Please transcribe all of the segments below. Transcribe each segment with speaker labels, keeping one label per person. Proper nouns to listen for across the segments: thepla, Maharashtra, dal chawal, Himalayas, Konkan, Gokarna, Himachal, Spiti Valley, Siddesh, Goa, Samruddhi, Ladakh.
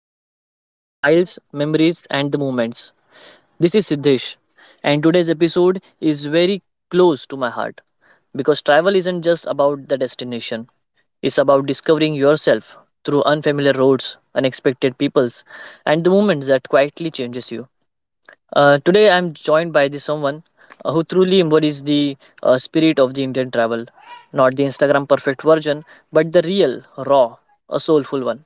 Speaker 1: welcome back to Miles, Memories, and the Moments. This is Siddesh, and today's episode is very close to my heart because travel isn't just about the destination, it's about discovering yourself through unfamiliar roads, unexpected peoples, and the moments that quietly changes you. Today, I'm joined by the someone who truly embodies the spirit of the Indian travel, not the Instagram perfect version, but the real, raw, a soulful one.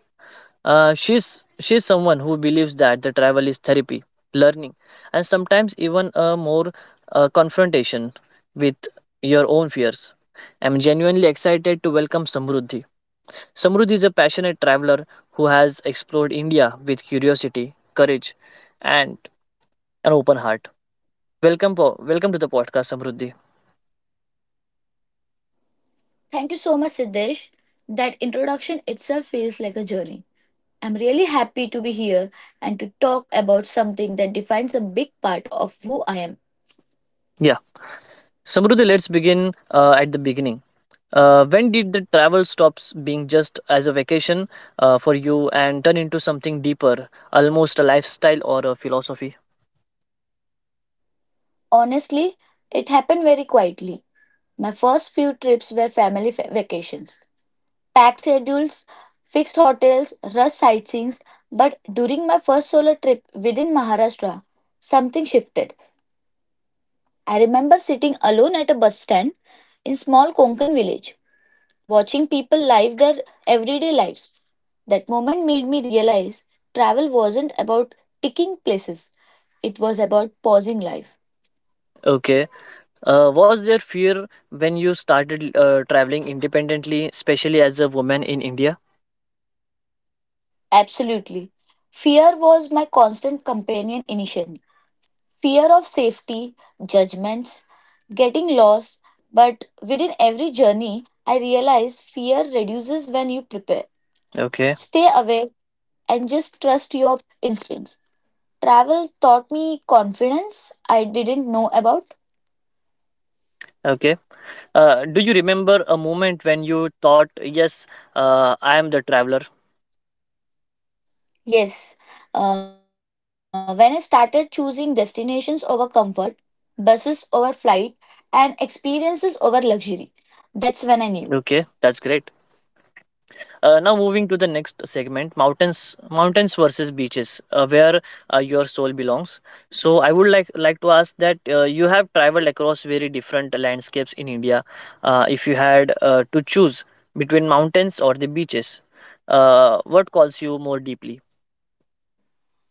Speaker 1: She's someone who believes that the travel is therapy, learning, and sometimes even a more confrontation with your own fears. I'm genuinely excited to welcome Samruddhi. Samruddhi is a passionate traveler who has explored India with curiosity, courage, and an open heart. Welcome to the podcast, Samruddhi.
Speaker 2: Thank you so much, Siddesh. That introduction itself feels like a journey. I'm really happy to be here and to talk about something that defines a big part of who I am.
Speaker 1: Yeah, Samruddhi, let's begin at the beginning. When did the travel stops being just as a vacation for you and turn into something deeper, almost a lifestyle or a philosophy?
Speaker 2: Honestly, it happened very quietly. My first few trips were vacations, packed schedules, fixed hotels, rush sightseeings. But during my first solo trip within Maharashtra, something shifted. I remember sitting alone at a bus stand in small Konkan village watching people live their everyday lives. That moment made me realize travel wasn't about ticking places, it was about pausing life.
Speaker 1: Okay. Was there fear when you started traveling independently, especially as a woman in India?
Speaker 2: Absolutely. Fear was my constant companion initially. Fear of safety, judgments, getting lost, but within every journey, I realized fear reduces when you prepare.
Speaker 1: Okay.
Speaker 2: Stay aware and just trust your instincts. Travel taught me confidence I didn't know about.
Speaker 1: Okay. Do you remember a moment when you thought, yes, I am the traveler?
Speaker 2: Yes, when I started choosing destinations over comfort, buses over flight, and experiences over luxury, that's when I knew.
Speaker 1: Okay, that's great. Now moving to the next segment, mountains versus beaches, where your soul belongs. So I would like to ask that you have traveled across very different landscapes in India. If you had to choose between mountains or the beaches, what calls you more deeply?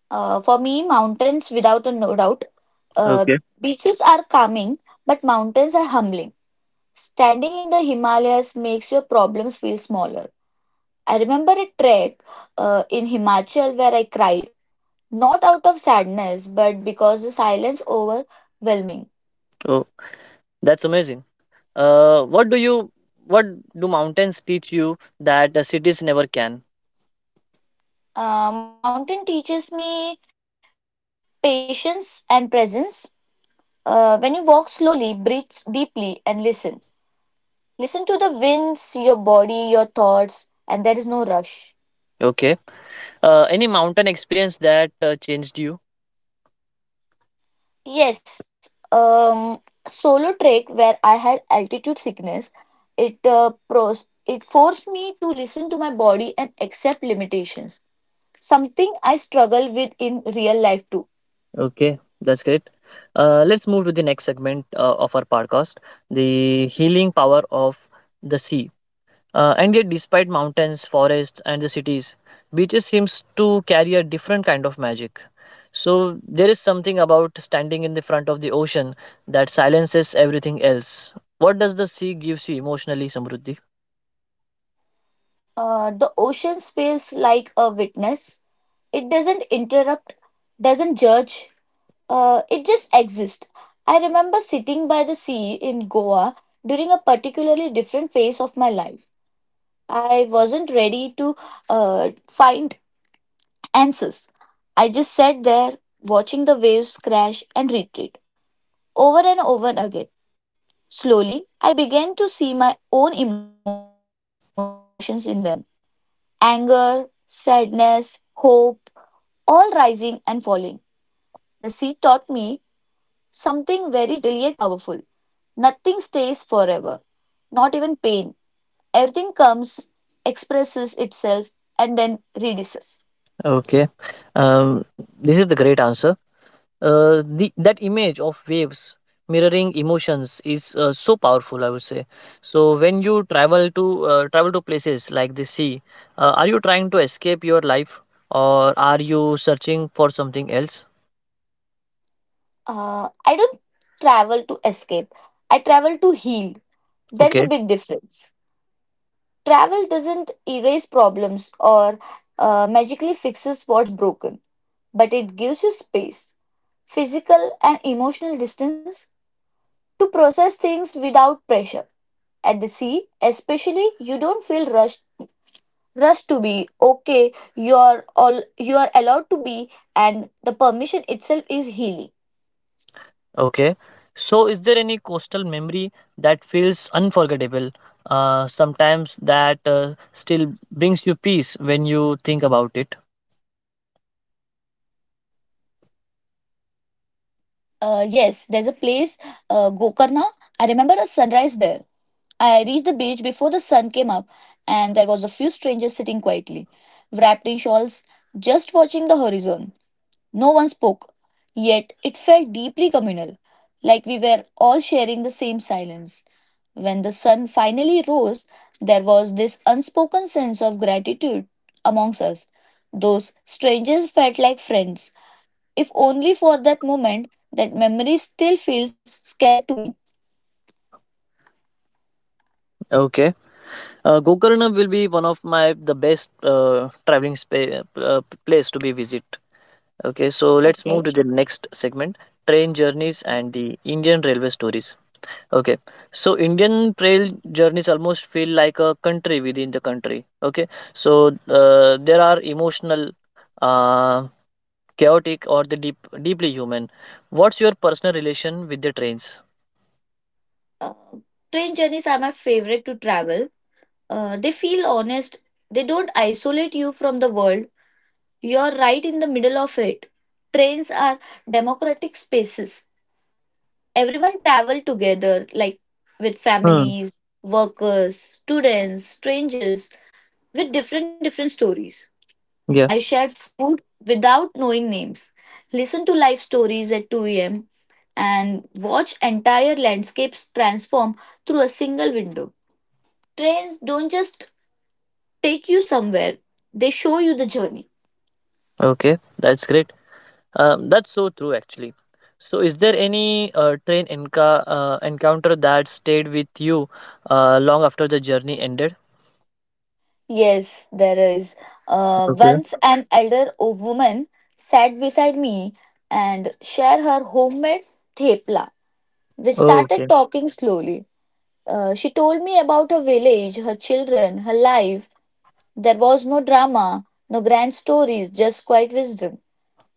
Speaker 2: For me, mountains, without a no doubt. uh,
Speaker 1: Okay.
Speaker 2: Beaches are calming, but mountains are humbling. Standing in the Himalayas makes your problems feel smaller. I remember a trek in Himachal where I cried, not out of sadness, but because the silence overwhelming.
Speaker 1: So that's amazing. What do you what do mountains teach you that cities never can?
Speaker 2: Mountain teaches me patience and presence. When you walk slowly, breathe deeply and listen. Listen to the winds, your body, your thoughts, and there is no rush.
Speaker 1: Okay. Any mountain experience that changed you?
Speaker 2: Yes, solo trek where I had altitude sickness, it pros it forced me to listen to my body and accept limitations. Something I struggle with in real life too.
Speaker 1: Okay, that's great. Let's move to the next segment of our podcast, the healing power of the sea. And yet, despite mountains, forests, and the cities, beaches seems to carry a different kind of magic. So there is something about standing in the front of the ocean that silences everything else. What does the sea gives you emotionally, Samruddhi?
Speaker 2: The oceans feels like a witness. It doesn't interrupt, doesn't judge, it just exists. I remember sitting by the sea in Goa during a particularly different phase of my life. I wasn't ready to find answers. I just sat there watching the waves crash and retreat over and over again. Slowly, I began to see my own emotions in them: anger, sadness, hope, all rising and falling. The sea taught me something very gentle yet powerful. Nothing stays forever, not even pain. Everything comes, expresses itself, and then reduces.
Speaker 1: Okay, um, this is the great answer. That image of waves mirroring emotions is so powerful, I would say. So when you travel to travel to places like the sea, are you trying to escape your life, or are you searching for something else?
Speaker 2: I don't travel to escape, I travel to heal. There's
Speaker 1: Okay.
Speaker 2: a big difference. Travel doesn't erase problems or magically fixes what's broken, but it gives you space, physical and emotional distance to process things without pressure. At the sea, especially, you don't feel rushed. Rush to be okay, you're all you're allowed to be, and the permission itself is healing.
Speaker 1: Okay, so is there any coastal memory that feels unforgettable, sometimes that still brings you peace when you think about it?
Speaker 2: Yes, there's a place, Gokarna. I remember a sunrise there. I reached the beach before the sun came up, and there was a few strangers sitting quietly, wrapped in shawls, just watching the horizon. No one spoke, yet it felt deeply communal, like we were all sharing the same silence. When the sun finally rose, there was this unspoken sense of gratitude amongst us. Those strangers felt like friends, if only for that moment. That memory still feels scared to me.
Speaker 1: Okay. Gokarna will be one of my the best traveling place to be visit. Okay, so let's
Speaker 2: Okay.
Speaker 1: move to the next segment: train journeys and the Indian railway stories. Okay, so Indian trail journeys almost feel like a country within the country. Okay, so there are emotional, uh, chaotic, or the deep, deeply human. What's your personal relation with the trains?
Speaker 2: Uh, Train journeys are my favorite to travel. They feel honest. They don't isolate you from the world. You're right in the middle of it. Trains are democratic spaces. Everyone traveled together, like with
Speaker 1: Hmm.
Speaker 2: families, workers, students, strangers, with different different stories. I
Speaker 1: Yeah.
Speaker 2: shared food without knowing names, listened to life stories at 2 a.m. and watched entire landscapes transform through a single window. Trains don't just take you somewhere, they show you the journey.
Speaker 1: Okay, that's great. That's so true, actually. So, is there any encounter that stayed with you long after the journey ended?
Speaker 2: Yes, there is.
Speaker 1: Okay.
Speaker 2: Once an woman sat beside me and shared her homemade thepla. We
Speaker 1: Oh,
Speaker 2: started
Speaker 1: okay.
Speaker 2: talking slowly. She told me about her village, her children, her life. There was no drama, no grand stories, just quiet wisdom.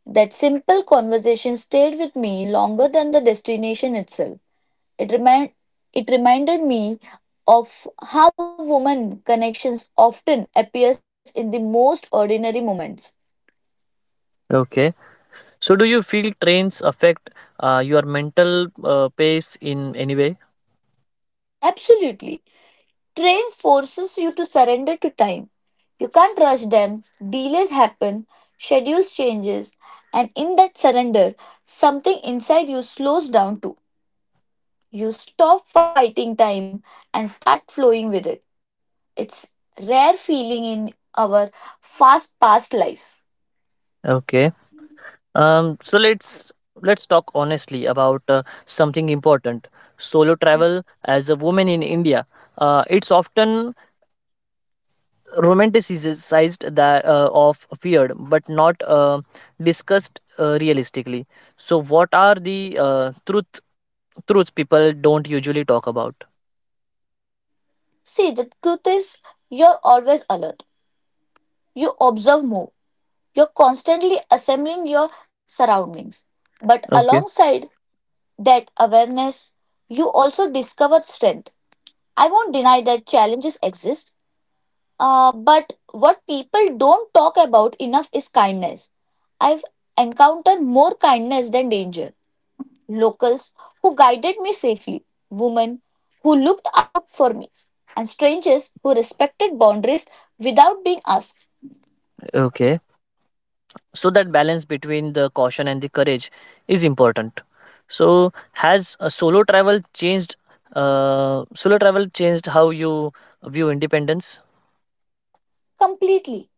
Speaker 2: That simple conversation stayed with me longer than the destination itself. It, remind, it reminded me of how women connections often appears in the most ordinary moments.
Speaker 1: Okay. So, do you feel trains affect your mental pace in any way?
Speaker 2: Absolutely. Trains forces you to surrender to time. You can't rush them. Delays happen, schedules changes, and in that surrender, something inside you slows down too. You stop fighting time and start flowing with it. It's rare feeling in our fast paced lives.
Speaker 1: Okay. Um, so let's talk honestly about something important. Solo travel as a woman in India, it's often romanticized that of feared but not discussed realistically. So what are the truths people don't usually talk about?
Speaker 2: See, the truth is, you're always alert. You observe more. You're constantly assembling your surroundings. But
Speaker 1: Okay.
Speaker 2: alongside that awareness, you also discover strength. I won't deny that challenges exist, but what people don't talk about enough is kindness. I've encountered more kindness than danger. Locals who guided me safely, women who looked out for me, and strangers who respected boundaries without being asked.
Speaker 1: Okay, so that balance between the caution and the courage is important. So has solo travel changed how you view independence?
Speaker 2: Completely,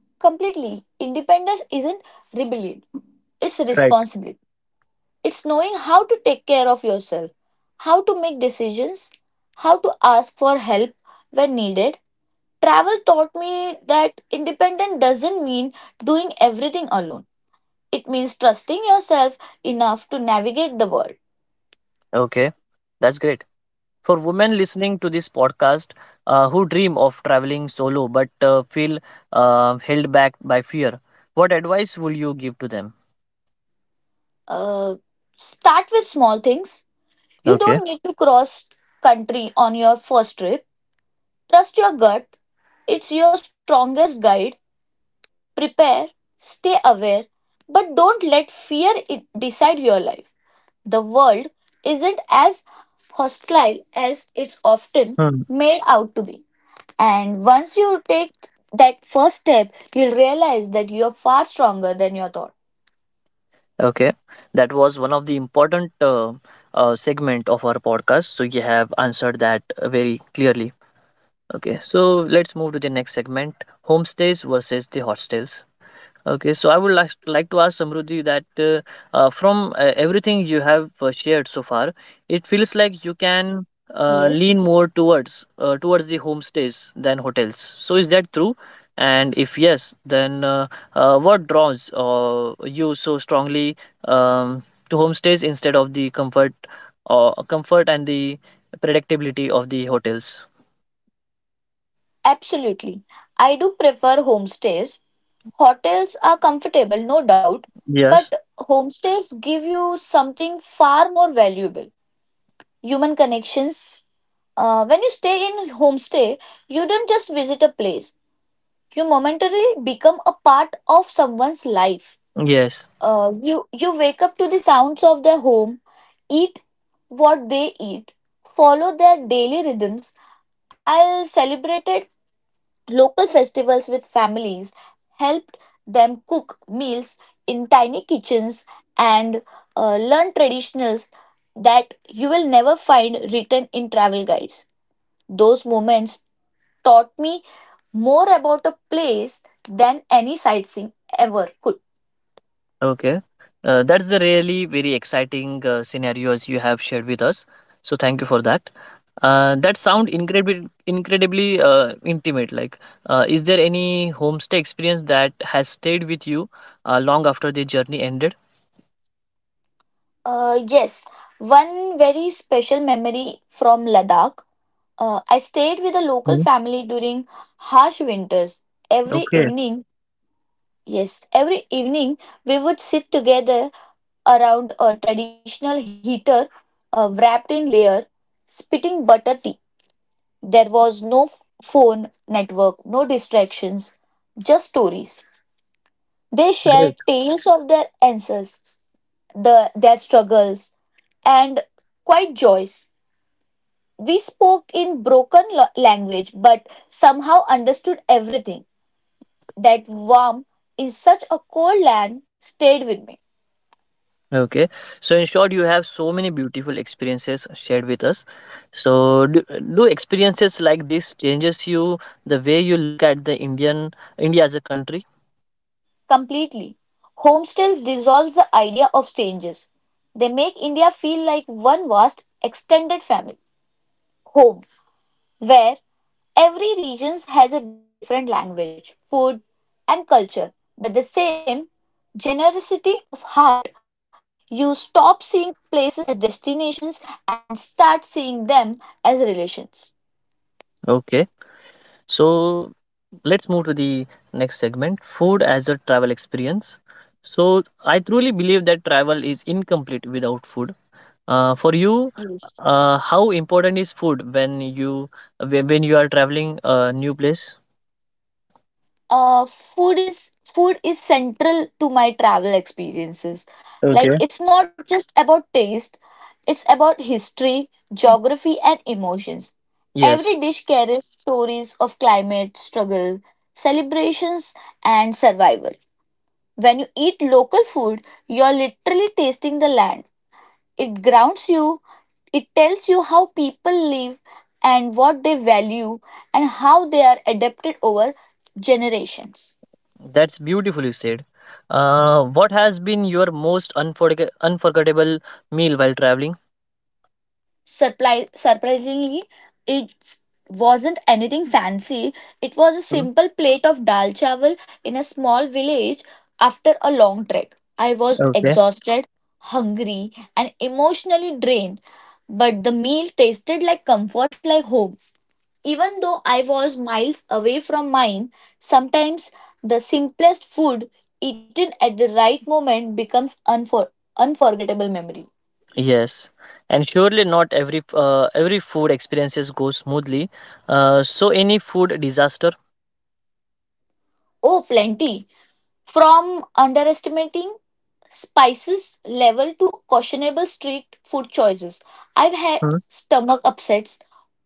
Speaker 2: completely. Independence isn't rebellion, it's responsibility. It's knowing how to take care of yourself, how to make decisions, how to ask for help when needed. Travel taught me that independence doesn't mean doing everything alone. It means trusting yourself enough to navigate the world.
Speaker 1: Okay, that's great. For women listening to this podcast, who dream of traveling solo but feel held back by fear, what advice will you give to them?
Speaker 2: Uh, Start with small things. You
Speaker 1: Okay.
Speaker 2: don't need to cross country on your first trip. Trust your gut. It's your strongest guide. Prepare, stay aware, but don't let fear decide your life. The world isn't as hostile as it's often
Speaker 1: Hmm.
Speaker 2: made out to be. And once you take that first step, you'll realize that you're far stronger than your thought.
Speaker 1: Okay, that was one of the important segment of our podcast. So you have answered that very clearly. Okay, so let's move to the next segment: homestays versus the hostels. Okay, so I would like to ask Samruddhi that from everything you have shared so far, it feels like you can
Speaker 2: Yes,
Speaker 1: lean more towards the homestays than hotels. So is that true? And if yes, then what draws you so strongly um, to homestays instead of the comfort or comfort and the predictability of the hotels?
Speaker 2: absolutely. I do prefer homestays. Hotels are comfortable, no doubt,
Speaker 1: Yes.
Speaker 2: but homestays give you something far more valuable: human connections. When you stay in homestay, you don't just visit a place, you momentarily become a part of someone's life.
Speaker 1: Yes.
Speaker 2: You wake up to the sounds of their home, eat what they eat, follow their daily rhythms. I'll celebrate local festivals with families, helped them cook meals in tiny kitchens and learn traditions that you will never find written in travel guides. Those moments taught me more about a place than any sightseeing ever could.
Speaker 1: Okay. That's the really very exciting scenarios you have shared with us. So thank you for that. That sound incredibly intimate. Like, is there any homestay experience that has stayed with you long after the journey ended?
Speaker 2: Yes, one very special memory from Ladakh. I stayed with a local
Speaker 1: Mm.
Speaker 2: family during harsh winters. Every
Speaker 1: Okay,
Speaker 2: evening, yes, every evening we would sit together around a traditional heater, wrapped in layer, spitting butter tea. There was phone network, no distractions, just stories. They
Speaker 1: great.
Speaker 2: shared tales of their answers, their struggles, and quite joys. We spoke in language but somehow understood everything. That warmth in such a cold land stayed with me.
Speaker 1: Okay, so in short, you have so many beautiful experiences shared with us. So, do experiences like this changes you the way you look at the India as a country?
Speaker 2: Completely. Homestays dissolves the idea of changes. They make India feel like one vast extended family home where every region has a different language, food and culture, but the same generosity of heart. You stop seeing places as destinations and start seeing them as relations.
Speaker 1: Okay. So let's move to the next segment, food as a travel experience. So I truly believe that travel is incomplete without food. For you,
Speaker 2: Yes.
Speaker 1: how important is food when you are traveling a new place?
Speaker 2: Food is central to my travel experiences,
Speaker 1: Okay.
Speaker 2: like it's not just about taste, it's about history, geography and emotions.
Speaker 1: Yes,
Speaker 2: Every dish carries stories of climate, struggle, celebrations and survival. When you eat local food, you're literally tasting the land. It grounds you, it tells you how people live and what they value and how they are adapted over generations.
Speaker 1: that's beautifully said. What has been your most unforgettable meal while traveling?
Speaker 2: Surprisingly, it wasn't anything fancy. It was a
Speaker 1: Mm.
Speaker 2: simple plate of dal chawal in a small village after a long trek. I was
Speaker 1: Okay.
Speaker 2: exhausted, hungry, and emotionally drained, but the meal tasted like comfort, like home. Even though I was miles away from mine, sometimes the simplest food eaten at the right moment becomes unforgettable memory.
Speaker 1: Yes, and surely not every every food experiences go smoothly. So any food disaster?
Speaker 2: Oh, plenty. From underestimating spices level to questionable street food choices, I've had
Speaker 1: Hmm.
Speaker 2: stomach upsets,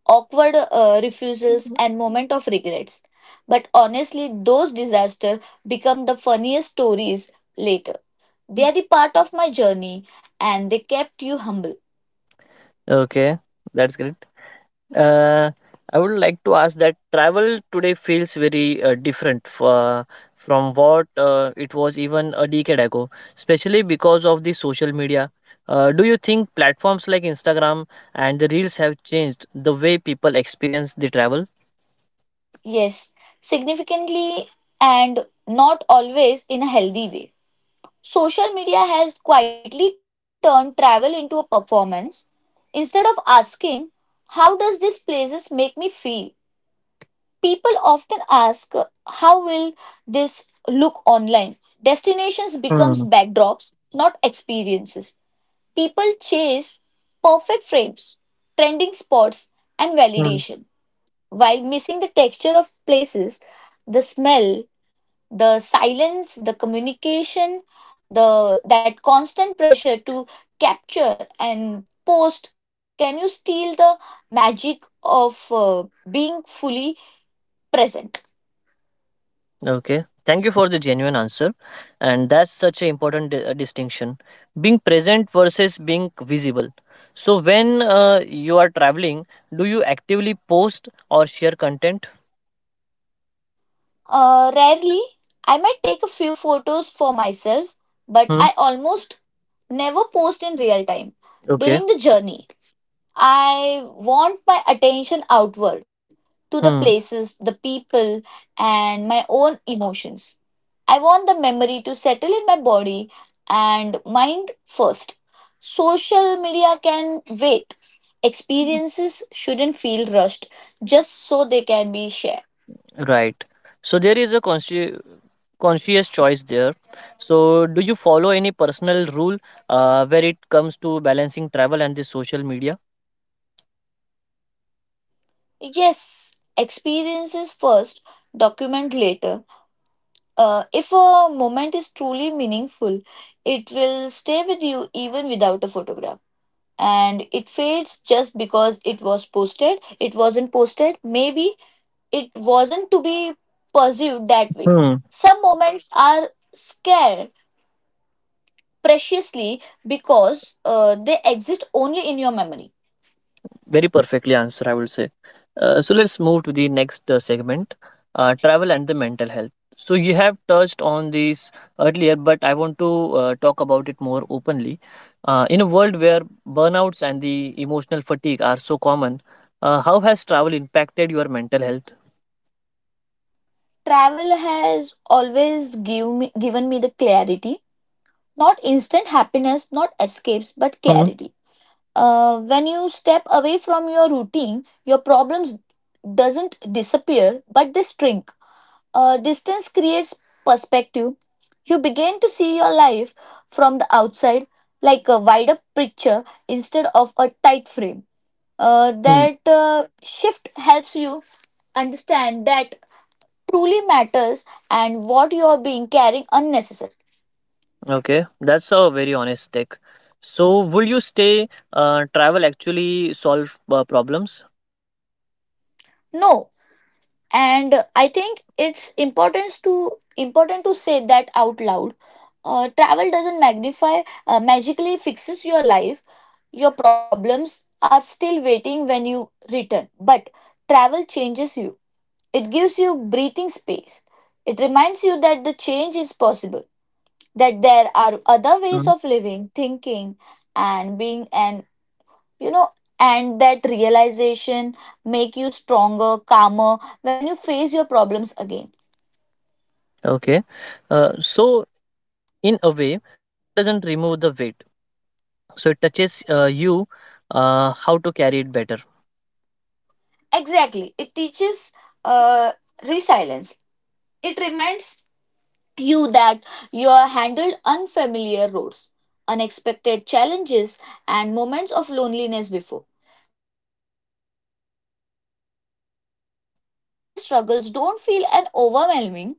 Speaker 2: awkward refusals, and moment of regrets. But honestly, those disasters become the funniest stories later. They are the part of my journey, and they kept you humble.
Speaker 1: Okay, that's great. Uh, I would like to ask that travel today feels very different from what it was even a decade ago, especially because of the social media. Do you think platforms like Instagram and the Reels have changed the way people experience the travel?
Speaker 2: Yes, significantly, and not always in a healthy way. Social media has quietly turned travel into a performance. Instead of asking, how does this places make me feel? People often ask, how will this look online? Destinations becomes
Speaker 1: Hmm.
Speaker 2: backdrops, not experiences. People chase perfect frames, trending spots and validation while missing the texture of places, the smell, the silence, the communication, the that constant pressure to capture and post, can you steal the magic of being fully present?
Speaker 1: Okay. Thank you for the genuine answer. And that's such an important distinction, being present versus being visible. So, when you are traveling, do you actively post or share content?
Speaker 2: Rarely, I might take a few photos for myself, but
Speaker 1: Hmm.
Speaker 2: I almost never post in real time.
Speaker 1: Okay.
Speaker 2: During the journey, I want my attention outward to the
Speaker 1: Hmm.
Speaker 2: places, the people, and my own emotions. I want the memory to settle in my body and mind first. Social media can wait. Experiences shouldn't feel rushed just so they can be shared.
Speaker 1: Right. So, there is a conscious choice there. So, do you follow any personal rule where it comes to balancing travel and the social media?
Speaker 2: Yes, experiences first, document later. If a moment is truly meaningful, it will stay with you even without a photograph. And it fades just because it was posted, it wasn't posted, maybe it wasn't to be pursued that way.
Speaker 1: Hmm.
Speaker 2: Some moments are scared preciously because they exist only in your memory.
Speaker 1: Very perfectly answered, I would say. So let's move to the next segment, travel and the mental health. So you have touched on this earlier, but I want to talk about it more openly. In a world where burnouts and the emotional fatigue are so common, how has travel impacted your mental health?
Speaker 2: Travel has always give me, given me the clarity, not instant happiness, not escapes, but
Speaker 1: Mhm.
Speaker 2: clarity. When you step away from your routine, your problems doesn't disappear, but they shrink. Distance creates perspective. You begin to see your life from the outside, like a wider picture instead of a tight frame. Uh,
Speaker 1: Hmm.
Speaker 2: that uh, shift helps you understand that truly matters and what you are being carrying unnecessary.
Speaker 1: Okay, that's a very honest take. So, will you stay? Travel actually solve problems?
Speaker 2: No, and I think it's important to important to say that out loud. Travel doesn't magnify magically fixes your life. Your problems are still waiting when you return, but travel changes you. It gives you breathing space. It reminds you that the change is possible, that there are other ways
Speaker 1: Mhm.
Speaker 2: of living thinking and being, and you know and that realization make you stronger calmer when you face your problems again.
Speaker 1: Okay, so in a way travel doesn't remove the weight, so it touches you how to carry it better.
Speaker 2: Exactly, it teaches uh, resilience. It reminds you that you are handled unfamiliar roads, unexpected challenges, and moments of loneliness before and survived. uh, Once you realize that everyday struggles don't feel an overwhelming.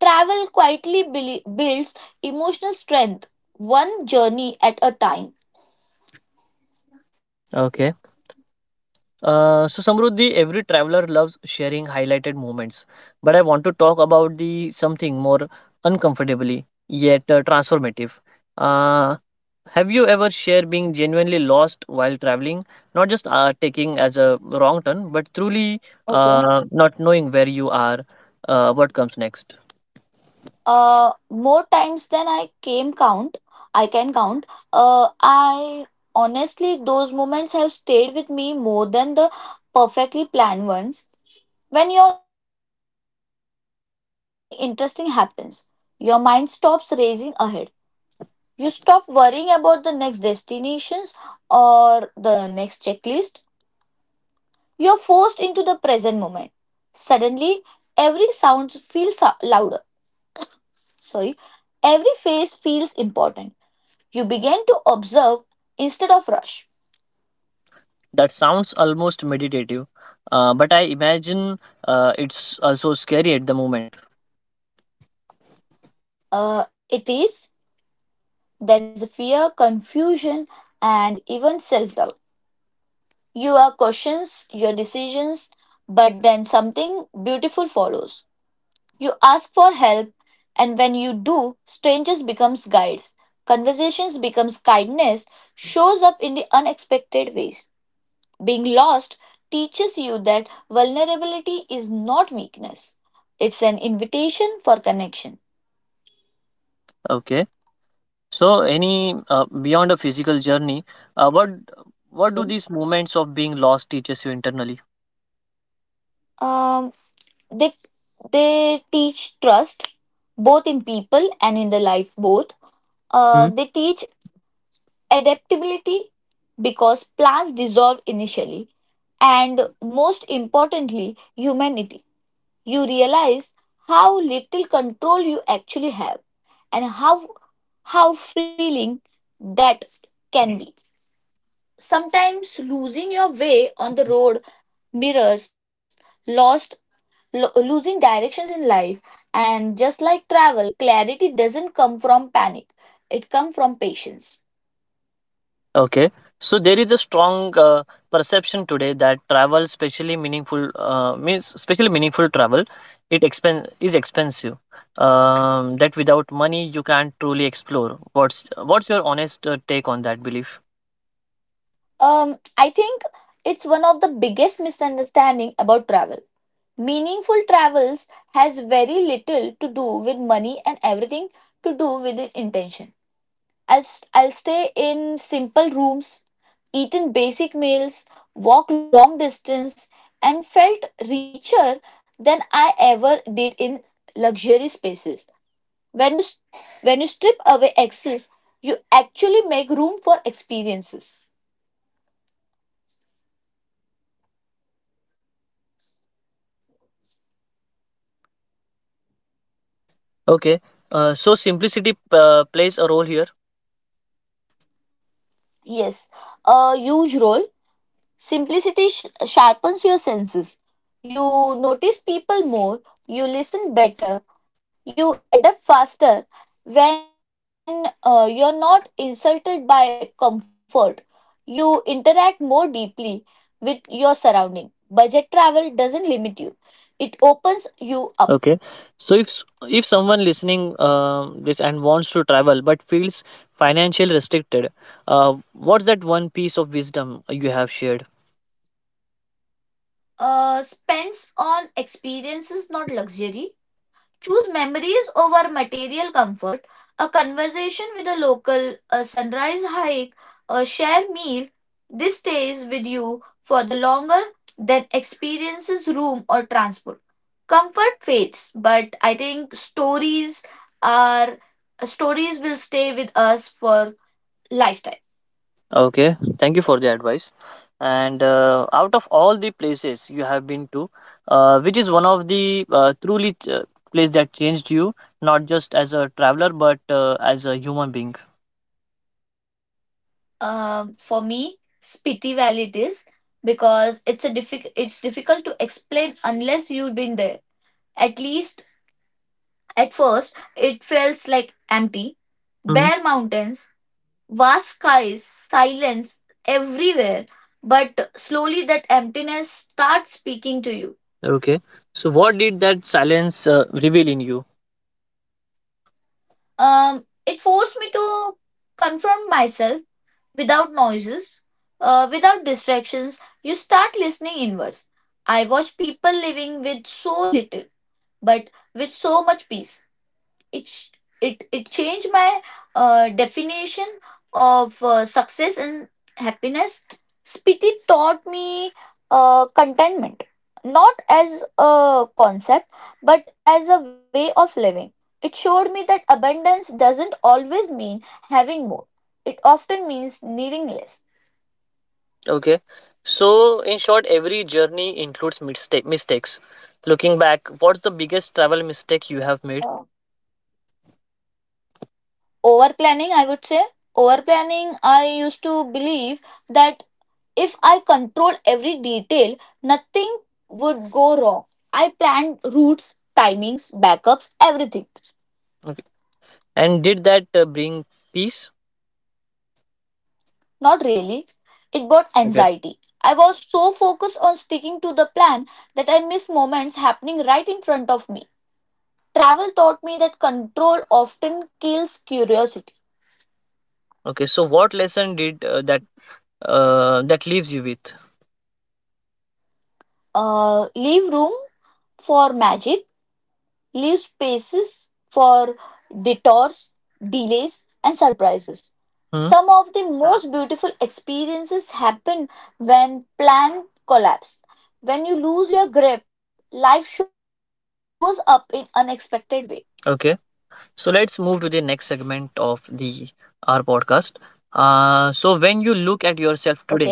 Speaker 2: Travel quietly builds emotional strength, one journey at a time.
Speaker 1: Okay, so Samruddhi, every traveler loves sharing highlighted moments, but I want to talk about the something more uncomfortably yet transformative. uh, have you ever shared being genuinely lost while traveling, not just taking as a wrong turn, but truly
Speaker 2: Okay.
Speaker 1: not knowing where you are, what comes next?
Speaker 2: More times than I I can count. I honestly, those moments have stayed with me more than the perfectly planned ones. When you're genuinely lost, something interesting happens. Your mind stops racing ahead. You stop worrying about the next destinations or the next checklist. You're forced into the present moment. Suddenly, every sound feels louder. Sorry, every face feels important. You begin to observe instead of rush.
Speaker 1: That sounds almost meditative, but I imagine it's also scary at the moment.
Speaker 2: It is, there's fear, confusion, and even self doubt. You are questions your decisions, but then something beautiful follows. You ask for help, and when you do, strangers becomes guides. Conversations becomes kindness, shows up in the unexpected ways. Being lost teaches you that vulnerability is not weakness. It's an invitation for connection.
Speaker 1: Okay. So, any beyond a physical journey, what do these moments of being lost teaches you internally?
Speaker 2: Um, they they teach trust, both in people and in the life both.
Speaker 1: Hmm.
Speaker 2: They teach adaptability because plants dissolve initially, and most importantly, humanity. You realize how little control you actually have and how freeing that can be. Sometimes losing your way on the road mirrors lost losing directions in life, and just like travel clarity doesn't come from panic, it comes from patience.
Speaker 1: Okay. So there is a strong perception today that travel, especially meaningful, means especially meaningful travel, it is expensive. That without money you can't truly explore. What's your honest take on that belief?
Speaker 2: I think it's one of the biggest misunderstanding about travel. Meaningful travels has very little to do with money and everything to do with the intention. I'll stay in simple rooms, eat in basic meals, walk long distance, and felt richer than I ever did in luxury spaces. When you s- when you strip away excess, you actually make room for experiences.
Speaker 1: Okay. So simplicity plays a role here.
Speaker 2: Yes, a huge role. Simplicity sharpens your senses. You notice people more, you listen better, you adapt faster when you're not insulted by comfort. You interact more deeply with your surrounding. Budget travel doesn't limit you, it opens you up.
Speaker 1: Okay. So if someone listening this and wants to travel but feels financially restricted, uh, what's that one piece of wisdom you have shared?
Speaker 2: Spends on experiences, not luxury. Choose memories over material comfort. A conversation with a local, a sunrise hike, a shared meal. This stays with you for the longer than experiences, room, or transport. Comfort fades, but I think stories are stories will stay with us for lifetime.
Speaker 1: Okay. Thank you for the advice. And out of all the places you have been to, which is one of the truly uh, place that changed you, not just as a traveler but as a human being.
Speaker 2: For me, Spiti Valley it is because it's a difficult it's difficult to explain unless you've been there. At least At first, it feels like empty.
Speaker 1: Mhm.
Speaker 2: Bare mountains, vast skies, silence everywhere. But slowly that emptiness starts speaking to you.
Speaker 1: Okay. So what did that silence reveal in you?
Speaker 2: It forced me to confront myself without noises, without distractions. You start listening inwards. I watch people living with so little, but with so much peace. It sh- it changed my definition of success and happiness. Spiti taught me contentment, not as a concept but as a way of living. It showed me that abundance doesn't always mean having more, it often means needing less.
Speaker 1: Okay. So, in short, every journey includes mistakes. Looking back, what's the biggest travel mistake you have made?
Speaker 2: Uh, over planning i would say over planning. I used to believe that if I control every detail, nothing would go wrong. I planned routes, timings, backups, everything.
Speaker 1: Okay. And did that bring peace?
Speaker 2: Not really. It brought
Speaker 1: Okay.
Speaker 2: anxiety. I was so focused on sticking to the plan that I missed moments happening right in front of me. Travel taught me that control often kills curiosity.
Speaker 1: Okay. So, what lesson did that that leaves you with?
Speaker 2: Leave room for magic. Leaves spaces for detours, delays, and surprises.
Speaker 1: Hmm.
Speaker 2: Some of the most beautiful experiences happen when plans collapse. When you lose your grip, life shows up in unexpected way.
Speaker 1: Okay. So let's move to the next segment of the our podcast. So when you look at yourself
Speaker 2: Okay.
Speaker 1: today,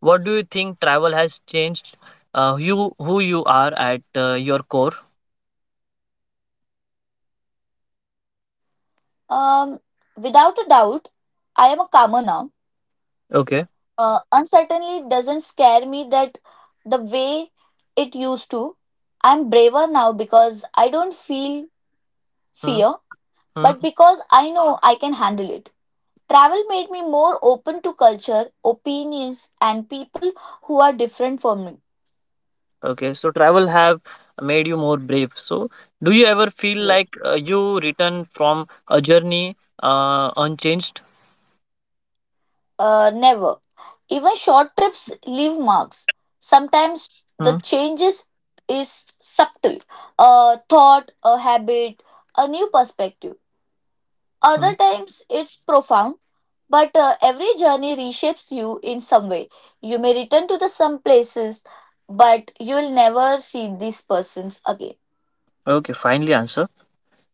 Speaker 1: what do you think travel has changed? You who you are at your core.
Speaker 2: Um, Without a doubt, I am a calmer now.
Speaker 1: Okay.
Speaker 2: Uncertainty doesn't scare me that the way it used to. I'm braver now because I don't feel
Speaker 1: Hmm.
Speaker 2: fear,
Speaker 1: Hmm?
Speaker 2: but because I know I can handle it. Travel made me more open to culture, opinions, and people who are different from me.
Speaker 1: Okay, so travel have made you more brave. So, do you ever feel like
Speaker 2: Yes.
Speaker 1: you return from a journey unchanged?
Speaker 2: Never. Even short trips leave marks. Sometimes the
Speaker 1: Hmm.
Speaker 2: changes is subtle. A thought, a habit, a new perspective.
Speaker 1: Hmm.
Speaker 2: Other times it's profound, but every journey reshapes you in some way. You may return to the some places, but you'll never see these persons again.
Speaker 1: Okay, finally answer.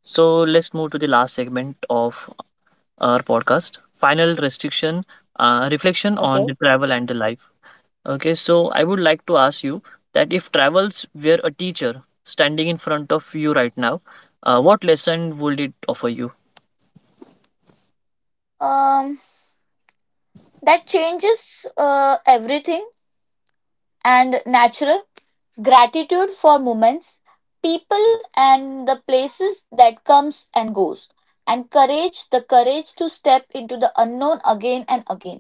Speaker 1: So let's move to the last segment of our podcast. Final restriction,
Speaker 2: Okay.
Speaker 1: reflection on the travel and the life. Okay, so I would like to ask you that if travels were a teacher standing in front of you right now, what lesson would it offer you?
Speaker 2: Um, that changes everything and natural gratitude for moments, people, and the places that comes and goes, and courage the courage to step into the unknown again and again.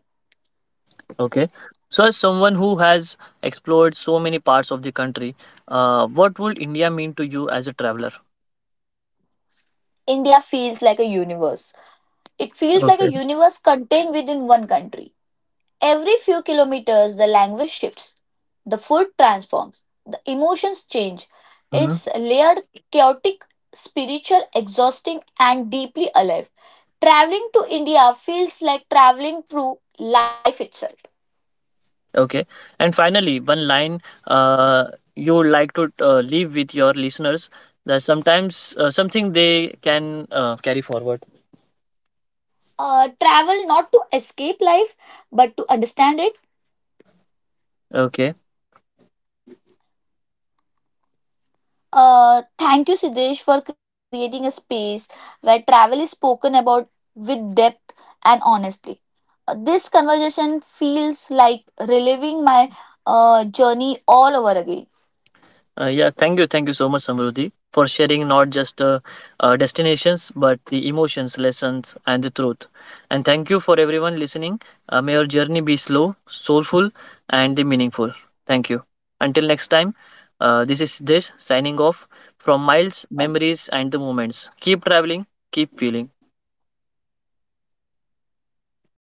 Speaker 1: Okay. So, as someone who has explored so many parts of the country, what would India mean to you as a traveler?
Speaker 2: India feels like a universe, It feels like a
Speaker 1: Okay.
Speaker 2: universe contained within one country. Every few kilometers, the language shifts, the food transforms, the emotions change.
Speaker 1: Mhm.
Speaker 2: It's layered, chaotic, spiritual, exhausting, and deeply alive. Traveling to India feels like traveling through life itself.
Speaker 1: Okay. And finally, one line uh, you would like to leave with your listeners, that sometimes something they can carry forward.
Speaker 2: Travel not to escape life, but to understand it.
Speaker 1: Okay.
Speaker 2: Thank you, Siddesh, for creating a space where travel is spoken about with depth and honestly. This conversation feels like reliving my journey all over again.
Speaker 1: Yeah, thank you so much, Samruddhi, for sharing not just destinations but the emotions, lessons, and the truth. And thank you for everyone listening. May your journey be slow, soulful, and the meaningful. Thank you. Until next time, this is Siddesh signing off from
Speaker 2: Thank,
Speaker 1: Miles, Memories, and the Moments. Keep traveling, keep feeling.
Speaker 2: Thank